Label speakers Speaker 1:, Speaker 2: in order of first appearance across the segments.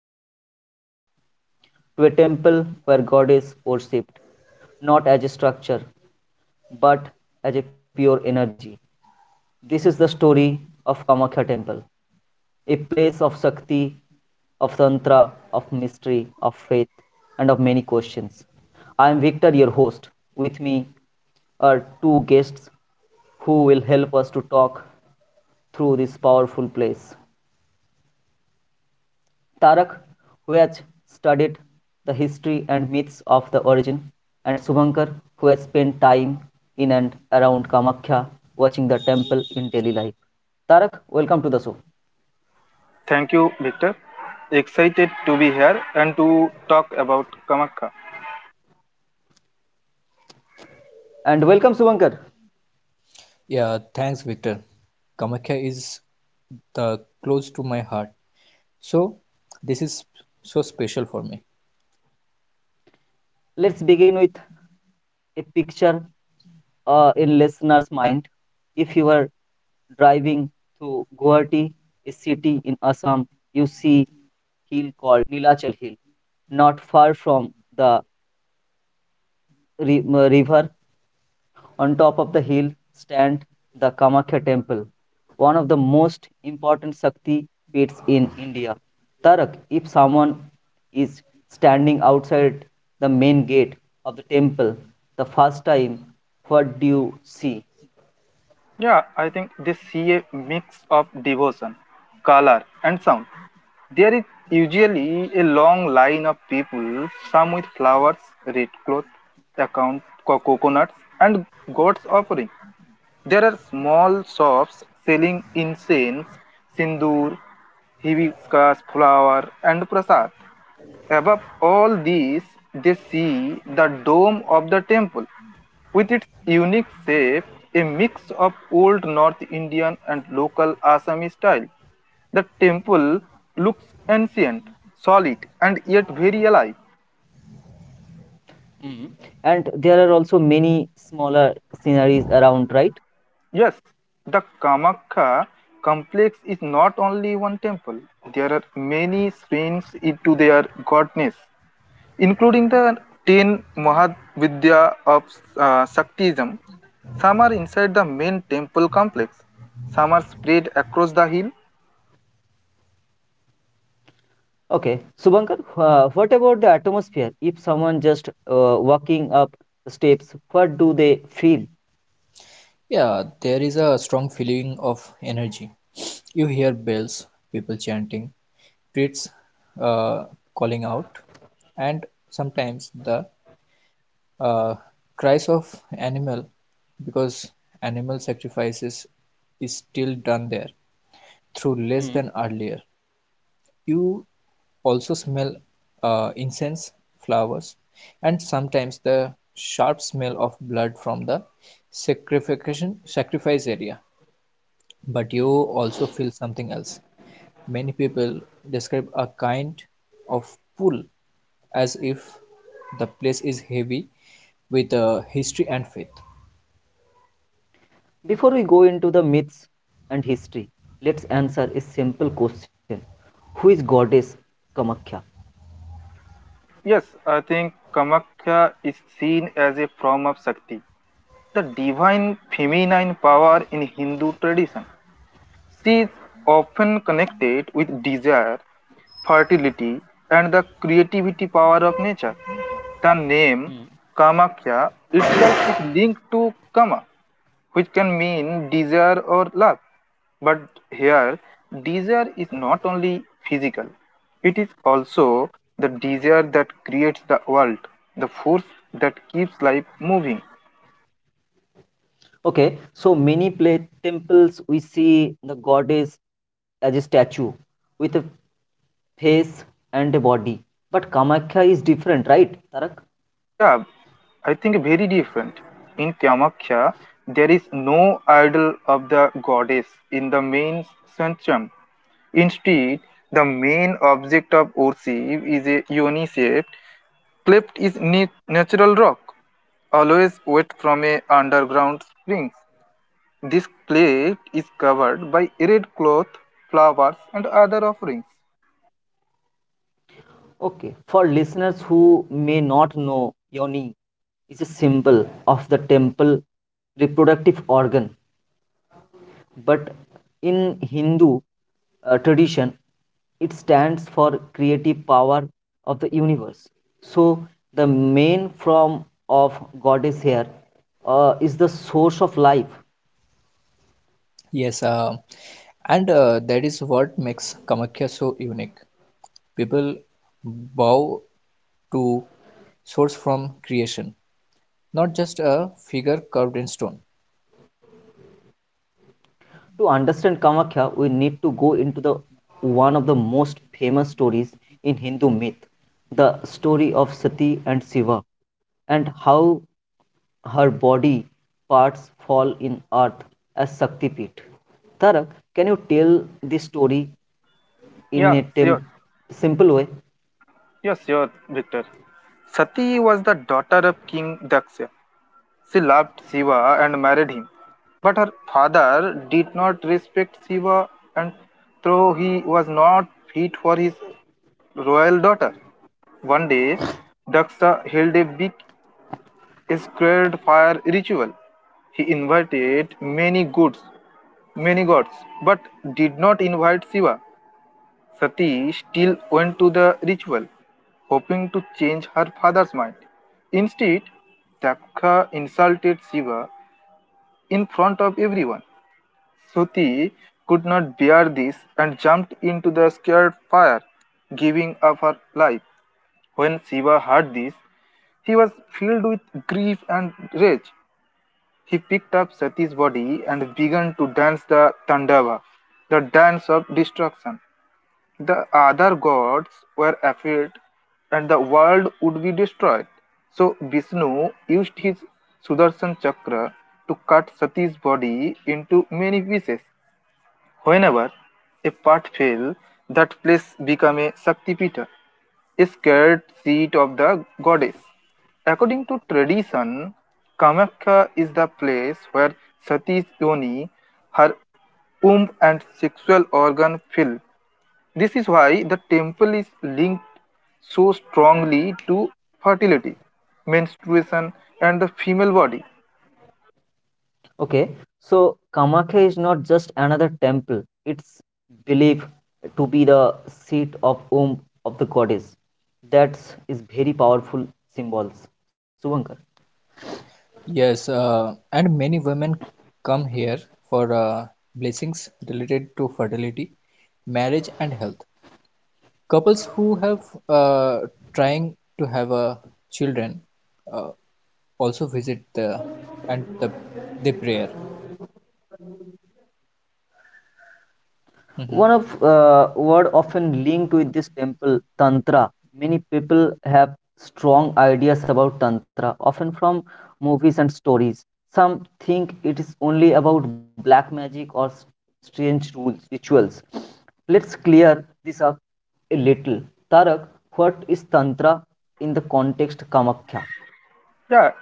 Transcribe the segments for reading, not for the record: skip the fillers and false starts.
Speaker 1: hills of Guwahati in Assam, to a temple where God is worshipped, not as a structure, but as a pure energy. This is the story of Kamakhya temple, a place of Shakti, of Tantra, of mystery, of faith, and of many questions. I am Victor, your host. With me are two guests who will help us to talk through this powerful place. Tarak, who has studied the history and myths of the origin, and Subankar, who has spent time in and around Kamakhya watching the temple in daily life. Tarak, welcome to the show.
Speaker 2: Thank you, Victor. Excited to be here and to talk about Kamakha.
Speaker 1: And welcome, Subankar.
Speaker 3: Yeah, thanks, Victor. Kamakya is the close to my heart, so this is so special for me.
Speaker 1: Let's begin with a picture in listener's mind. If you are driving through Guwahati, a city in Assam, you see hill called Nilachal Hill, not far from the river on top of the hill stand the Kamakhya temple, one of the most important Shakti pits in India. Tarak, if someone is standing outside the main gate of the temple the first time, what do you see?
Speaker 2: Yeah, I think they see a mix of devotion, color, and sound. There is usually a long line of people, some with flowers, red cloth, coconuts, and God's offering. There are small shops selling incense, sindoor, hibiscus flower, and prasad. Above all these, they see the dome of the temple with its unique shape, a mix of old North Indian and local Assamese style. The temple looks ancient, solid, and yet very alive.
Speaker 1: Mm-hmm. And there are also many smaller sceneries around, right?
Speaker 2: Yes, the Kamakya complex is not only one temple. There are many strains into their godness, including the 10 Mahavidya of Shaktism. Some are inside the main temple complex, some are spread across the hill.
Speaker 1: Okay, Subankar, what about the atmosphere? If someone just walking up the steps, what do they feel?
Speaker 3: Yeah, there is a strong feeling of energy. You hear bells, people chanting, streets uh, calling out, and sometimes the uh, cries of animal because animal sacrifices is still done there through less
Speaker 1: Hmm.
Speaker 3: than earlier. You also smell incense, flowers, and sometimes the sharp smell of blood from the sacrification sacrifice area. But you also feel something else. Many people describe a kind of pull as if the place is heavy with history and faith.
Speaker 1: Before we go into the myths and history, let's answer a simple question. Who is goddess Kamakhya?
Speaker 2: Yes, I think Kamakya is seen as a form of Shakti, the divine feminine power in Hindu tradition. She is often connected with desire, fertility, and the creativity power of nature. The name
Speaker 1: Hmm.
Speaker 2: Kamakya itself is linked to Kama, which can mean desire or love. But here, desire is not only physical, it is also the desire that creates the world, the force that keeps life moving.
Speaker 1: Okay, so many play temples we see the goddess as a statue with a face and a body. But Kamakhya is different, right, Tarak?
Speaker 2: Yeah, I think very different. In Kamakhya, there is no idol of the goddess in the main sanctum. Instead, the main object of worship is a yoni shaped, cleft is natural rock, always wet from a underground springs. This cleft is covered by red cloth, flowers, and other offerings.
Speaker 1: Okay, for listeners who may not know, yoni is a symbol of the temple reproductive organ but in Hindu tradition, it stands for creative power of the universe. So the main form of goddess here is the source of life.
Speaker 3: Yes, and that is what makes Kamakhya so unique. People bow to source from creation, not just a figure carved in stone.
Speaker 1: To understand Kamakhya, we need to go into the one of the most famous stories in Hindu myth, the story of Sati and Shiva, and how her body parts fall in earth as Shakti Shaktipit. Tarak, can you tell this story in a
Speaker 2: Yeah, sure.
Speaker 1: tem- simple way?
Speaker 2: Yeah, sure, Victor. Sati was the daughter of King Daksha. She loved Shiva and married him. But her father did not respect Shiva and though he was not fit for his royal daughter. One day, Daksha held a big sacred fire ritual. He invited many gods, but did not invite Shiva. Sati still went to the ritual, hoping to change her father's mind. Instead, Daksha insulted Shiva in front of everyone. Shruti could not bear this and jumped into the scared fire, giving up her life. When Shiva heard this, he was filled with grief and rage. He picked up Sati's body and began to dance the Tandava, the dance of destruction. The other gods were afraid and the world would be destroyed. So Vishnu used his Sudarshan chakra to cut Sati's body into many pieces. Whenever a path fails, that place becomes a Shaktipita, a sacred seat of the goddess. According to tradition, Kamakya is the place where Sati's yoni, her womb and sexual organ fill. This is why the temple is linked so strongly to fertility, menstruation, and the female body.
Speaker 1: Okay, so Kamakhya is not just another temple, it's believed to be the seat of womb of the goddess. That is very powerful symbols. Suvankar.
Speaker 3: Yes, and many women come here for blessings related to fertility, marriage, and health. Couples who have uh, trying to have children uh, also visit the and the they prayer. Mm-hmm.
Speaker 1: One of word often linked with this temple, Tantra. Many people have strong ideas about Tantra, often from movies and stories. Some think it is only about black magic or strange rules, rituals. Let's clear this up a little. Tarak, what is Tantra in the context Kamakya?
Speaker 2: Yeah,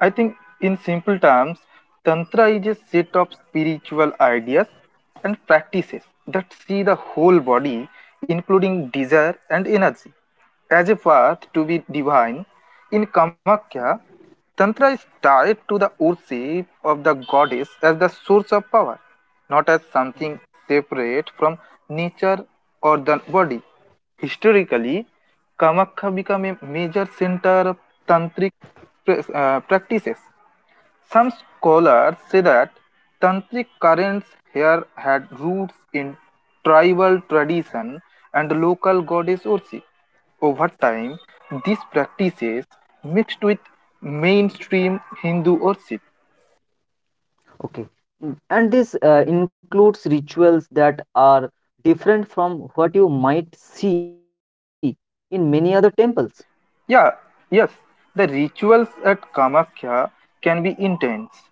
Speaker 2: I think in simple terms, Tantra is a set of spiritual ideas and practices that see the whole body, including desire and energy, as a path to be divine. In Kamakya, Tantra is tied to the worship of the goddess as the source of power, not as something separate from nature or the body. Historically, Kamakya became a major center of tantric practices. Some scholars say that tantric currents here had roots in tribal tradition and local goddess worship. Over time, these practices mixed with mainstream Hindu worship.
Speaker 1: Okay. Mm. And this includes rituals that are different from what you might see in many other temples.
Speaker 2: Yeah, yes, the rituals at Kamakhya can be intense.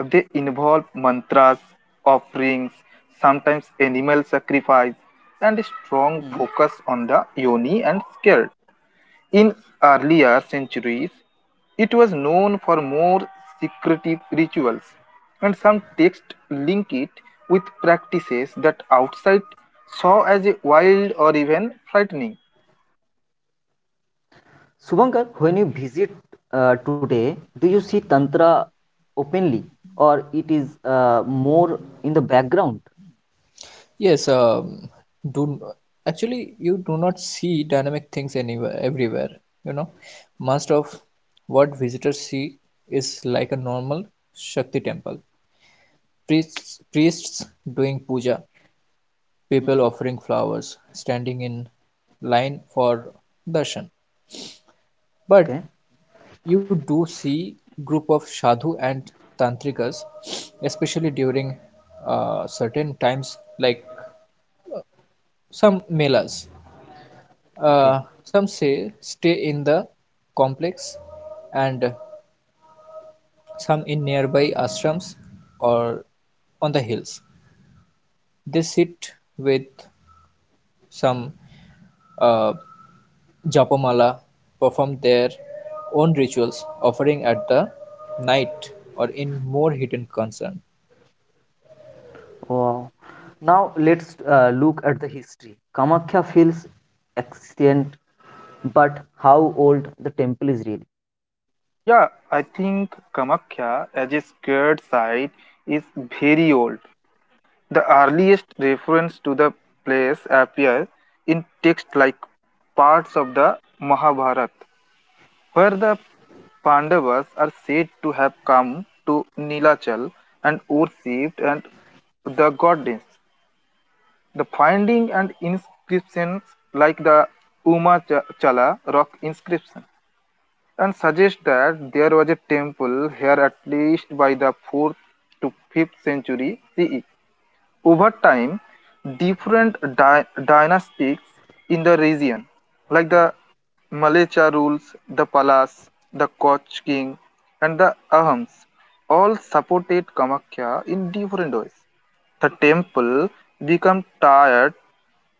Speaker 2: They involve mantras, offerings, sometimes animal sacrifice, and a strong
Speaker 1: Hmm.
Speaker 2: focus on the yoni and skirt. In earlier centuries, it was known for more secretive rituals, and some texts link it with practices that outside saw as a wild or even frightening.
Speaker 1: Subankar, when you visit today, do you see Tantra openly or it is more in the background?
Speaker 3: Yes, do actually you do not see dynamic things anywhere everywhere, you know. Most of what visitors see is like a normal Shakti temple. Priests doing puja, people
Speaker 1: Mhm.
Speaker 3: offering flowers, standing in line for darshan. But
Speaker 1: Okay.
Speaker 3: you do see group of sadhu and tantrikas, especially during certain times like some melas.
Speaker 1: Okay.
Speaker 3: Some say stay in the complex, and some in nearby ashrams or on the hills. They sit with some uh, japamala, perform their own rituals, offering at the night or in more hidden concern.
Speaker 1: Wow. Now let's look at the history. Kamakhya feels ancient, but how old the temple is really?
Speaker 2: Yeah, I think Kamakya as a sacred site is very old. The earliest reference to the place appears in texts like parts of the Mahabharata, where the Pandavas are said to have come to Nilachal and worshipped and the goddess. The finding and inscriptions like the Chala rock inscription and suggest that there was a temple here at least by the 4th to 5th century CE. Over time, different dynasties in the region, like the Malaycha rules, the Palas, the Koch king, and the Ahams, all supported Kamakya in different ways. The temple became tied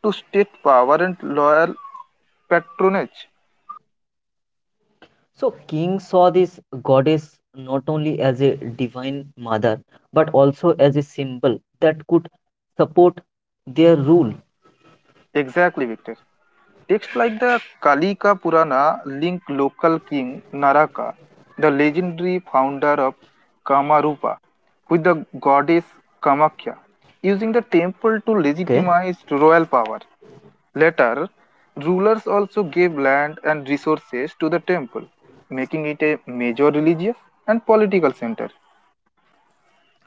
Speaker 2: to state power and loyal patronage.
Speaker 1: So, King saw this goddess not only as a divine mother, but also as a symbol that could support their rule.
Speaker 2: Exactly, Victor. Texts like the Kalika Purana link local king Naraka, the legendary founder of Kamarupa, with the goddess Kamakhya, using the temple to
Speaker 1: Okay,
Speaker 2: legitimize royal power. Later, rulers also gave land and resources to the temple, making it a major religious and political center.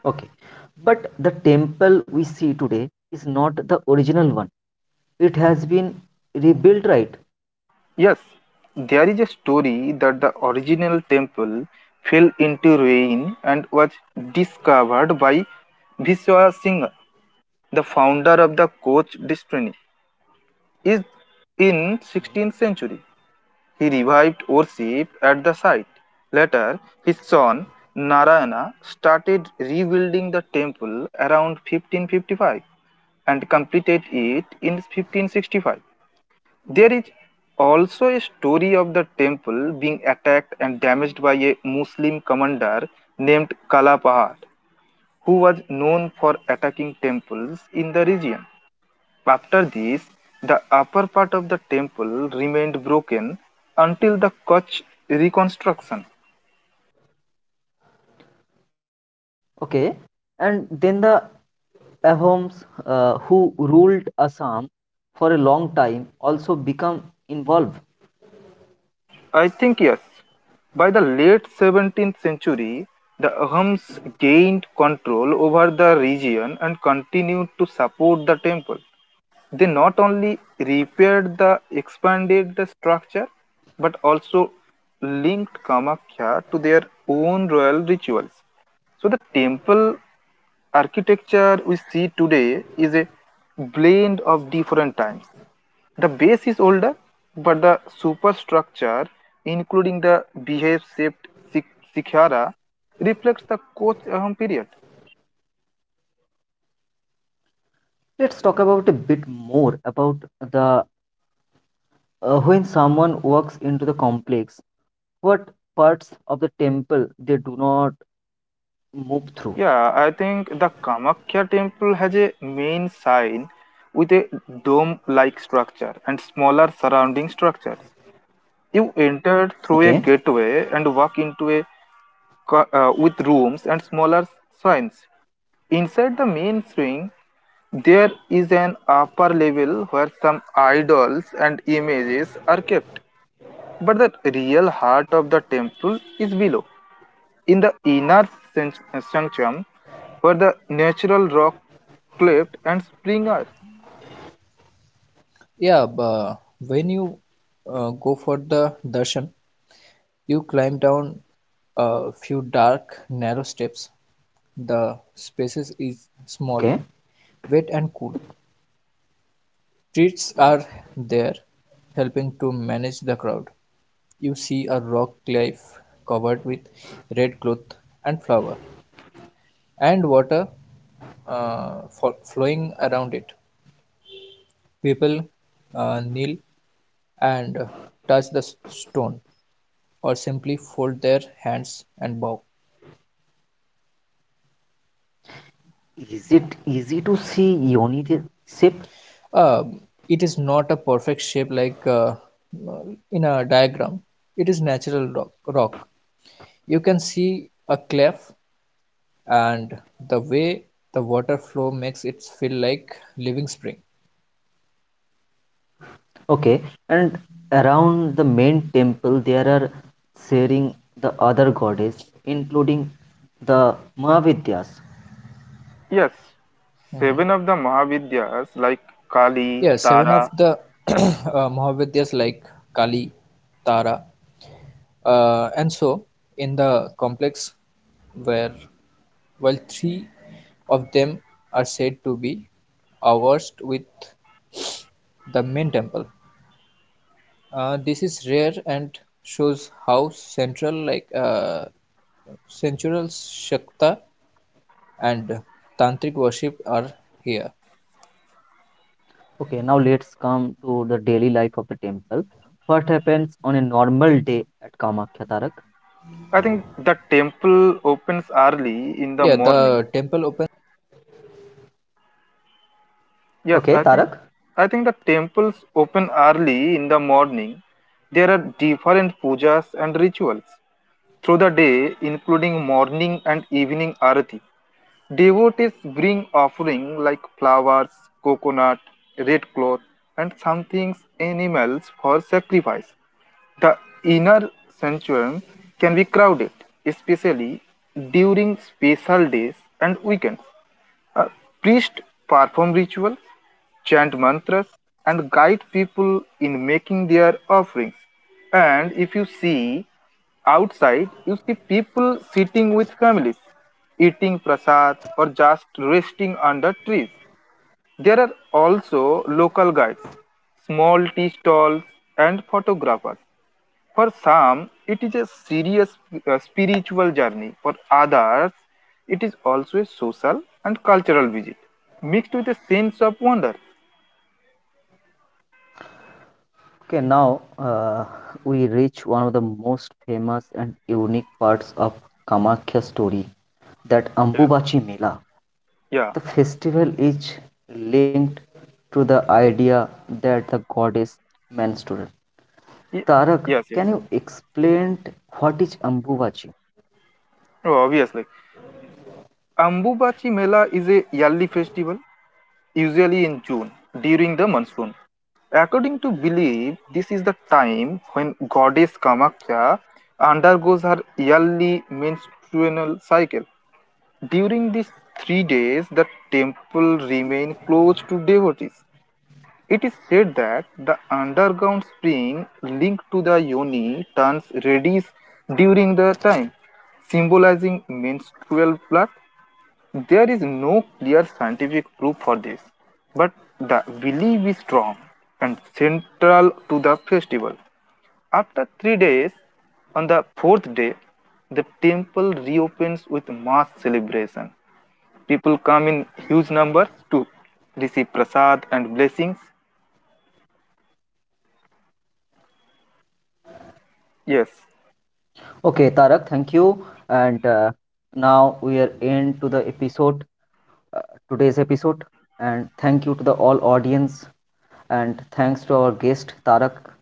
Speaker 1: okay. But the temple we see today is not the original one. It has been rebuilt, right?
Speaker 2: Yes, there is a story that the original temple fell into ruin and was discovered by Viswa Singh, the founder of the Koch dynasty. Is in 16th century, he revived worship at the site. Later, his son Narayana started rebuilding the temple around 1555 and completed it in 1565. There is also a story of the temple being attacked and damaged by a Muslim commander named Kalapahar, who was known for attacking temples in the region. After this, the upper part of the temple remained broken until the Kutch reconstruction.
Speaker 1: Okay. And then the Ahoms, who ruled Assam for a long time, also become involved.
Speaker 2: I think yes. By the late 17th century, the Ahams gained control over the region and continued to support the temple. They not only repaired the expanded structure but also linked Kamakya to their own royal rituals. So, the temple architecture we see today is a blend of different times. The base is older, but the superstructure, including the behave shaped shikhara, reflects the Koch Ahom period.
Speaker 1: Let's talk about a bit more about the. When someone walks into the complex, what parts of the temple they do not move through?
Speaker 2: Yeah, I think the Kamakya temple has a main sign with a dome like structure and smaller surrounding structures. You enter through a
Speaker 1: Okay,
Speaker 2: gateway and walk into a with rooms and smaller shrines. Inside the main swing, there is an upper level where some idols and images are kept. But the real heart of the temple is below. In the inner san- sanctum were the natural rock cleft and spring earth.
Speaker 3: Yeah, but when you go for the darshan, you climb down a few dark, narrow steps. The spaces is
Speaker 1: okay.
Speaker 3: small, wet and cool, trees are there helping to manage the crowd. You see a rock cliff covered with red cloth and flower and water flowing around it. People kneel and touch the stone or simply fold their hands and bow.
Speaker 1: Is it easy to see Yoni the ship?
Speaker 3: Uh, it is not a perfect shape like in a diagram. It is natural rock. You can see a cleft and the way the water flow makes it feel like living spring
Speaker 1: Okay, and around the main temple there are sharing the other goddess, including the Mahavidyas.
Speaker 2: Yes, seven of the Mahavidyas like Kali, Tara.
Speaker 1: Okay, now let's come to the daily life of the temple. What happens on a normal day at Kamakhya Tarak?
Speaker 2: I think the temple opens early in the morning. Yes,
Speaker 1: Okay, Tarak.
Speaker 2: I think the temples open early in the morning. There are different pujas and rituals through the day, including morning and evening arati. Devotees bring offering like flowers, coconut, red cloth, and some things animals for sacrifice. The inner sanctuary can be crowded, especially during special days and weekends. Uh, Priests perform ritual, chant mantras, and guide people in making their offerings. And if you see outside, you see people sitting with families, eating prasad, or just resting under trees. There are also local guides, small tea stalls, and photographers. For some, it is a serious spiritual journey. For others, it is also a social and cultural visit, mixed with a sense of wonder.
Speaker 1: Okay, now we reach one of the most famous and unique parts of Kamakhya story, that
Speaker 2: Yes.
Speaker 1: Ambubachi Mela.
Speaker 2: Yeah.
Speaker 1: The festival is linked to the idea that the goddess menstruated.
Speaker 2: Ye-
Speaker 1: Tarak,
Speaker 2: Yes,
Speaker 1: can
Speaker 2: yes.
Speaker 1: you explain what is Ambubachi?
Speaker 2: Oh, obviously. Ambubachi Mela is a yearly festival usually in June, during the monsoon. According to belief, this is the time when goddess Kamakya undergoes her yearly menstrual cycle. During these 3 days, the temple remains closed to devotees. It is said that the underground spring linked to the yoni turns reddish during the time, symbolizing menstrual blood. There is no clear scientific proof for this, but the belief is strong and central to the festival. After 3 days, on the fourth day, the temple reopens with mass celebration. People come in huge numbers to receive prasad and blessings. Yes,
Speaker 1: Okay, Tarak, thank you. And now we are into the episode, uh, today's episode. And thank you to the all audience. And thanks to our guest, Tarak.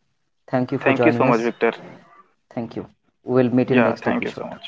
Speaker 1: Thank you for
Speaker 2: thank you so
Speaker 1: joining
Speaker 2: much,
Speaker 1: us.
Speaker 2: Victor.
Speaker 1: Thank you. We'll meet in
Speaker 2: Yeah,
Speaker 1: next
Speaker 2: thank you so
Speaker 1: episode.
Speaker 2: much.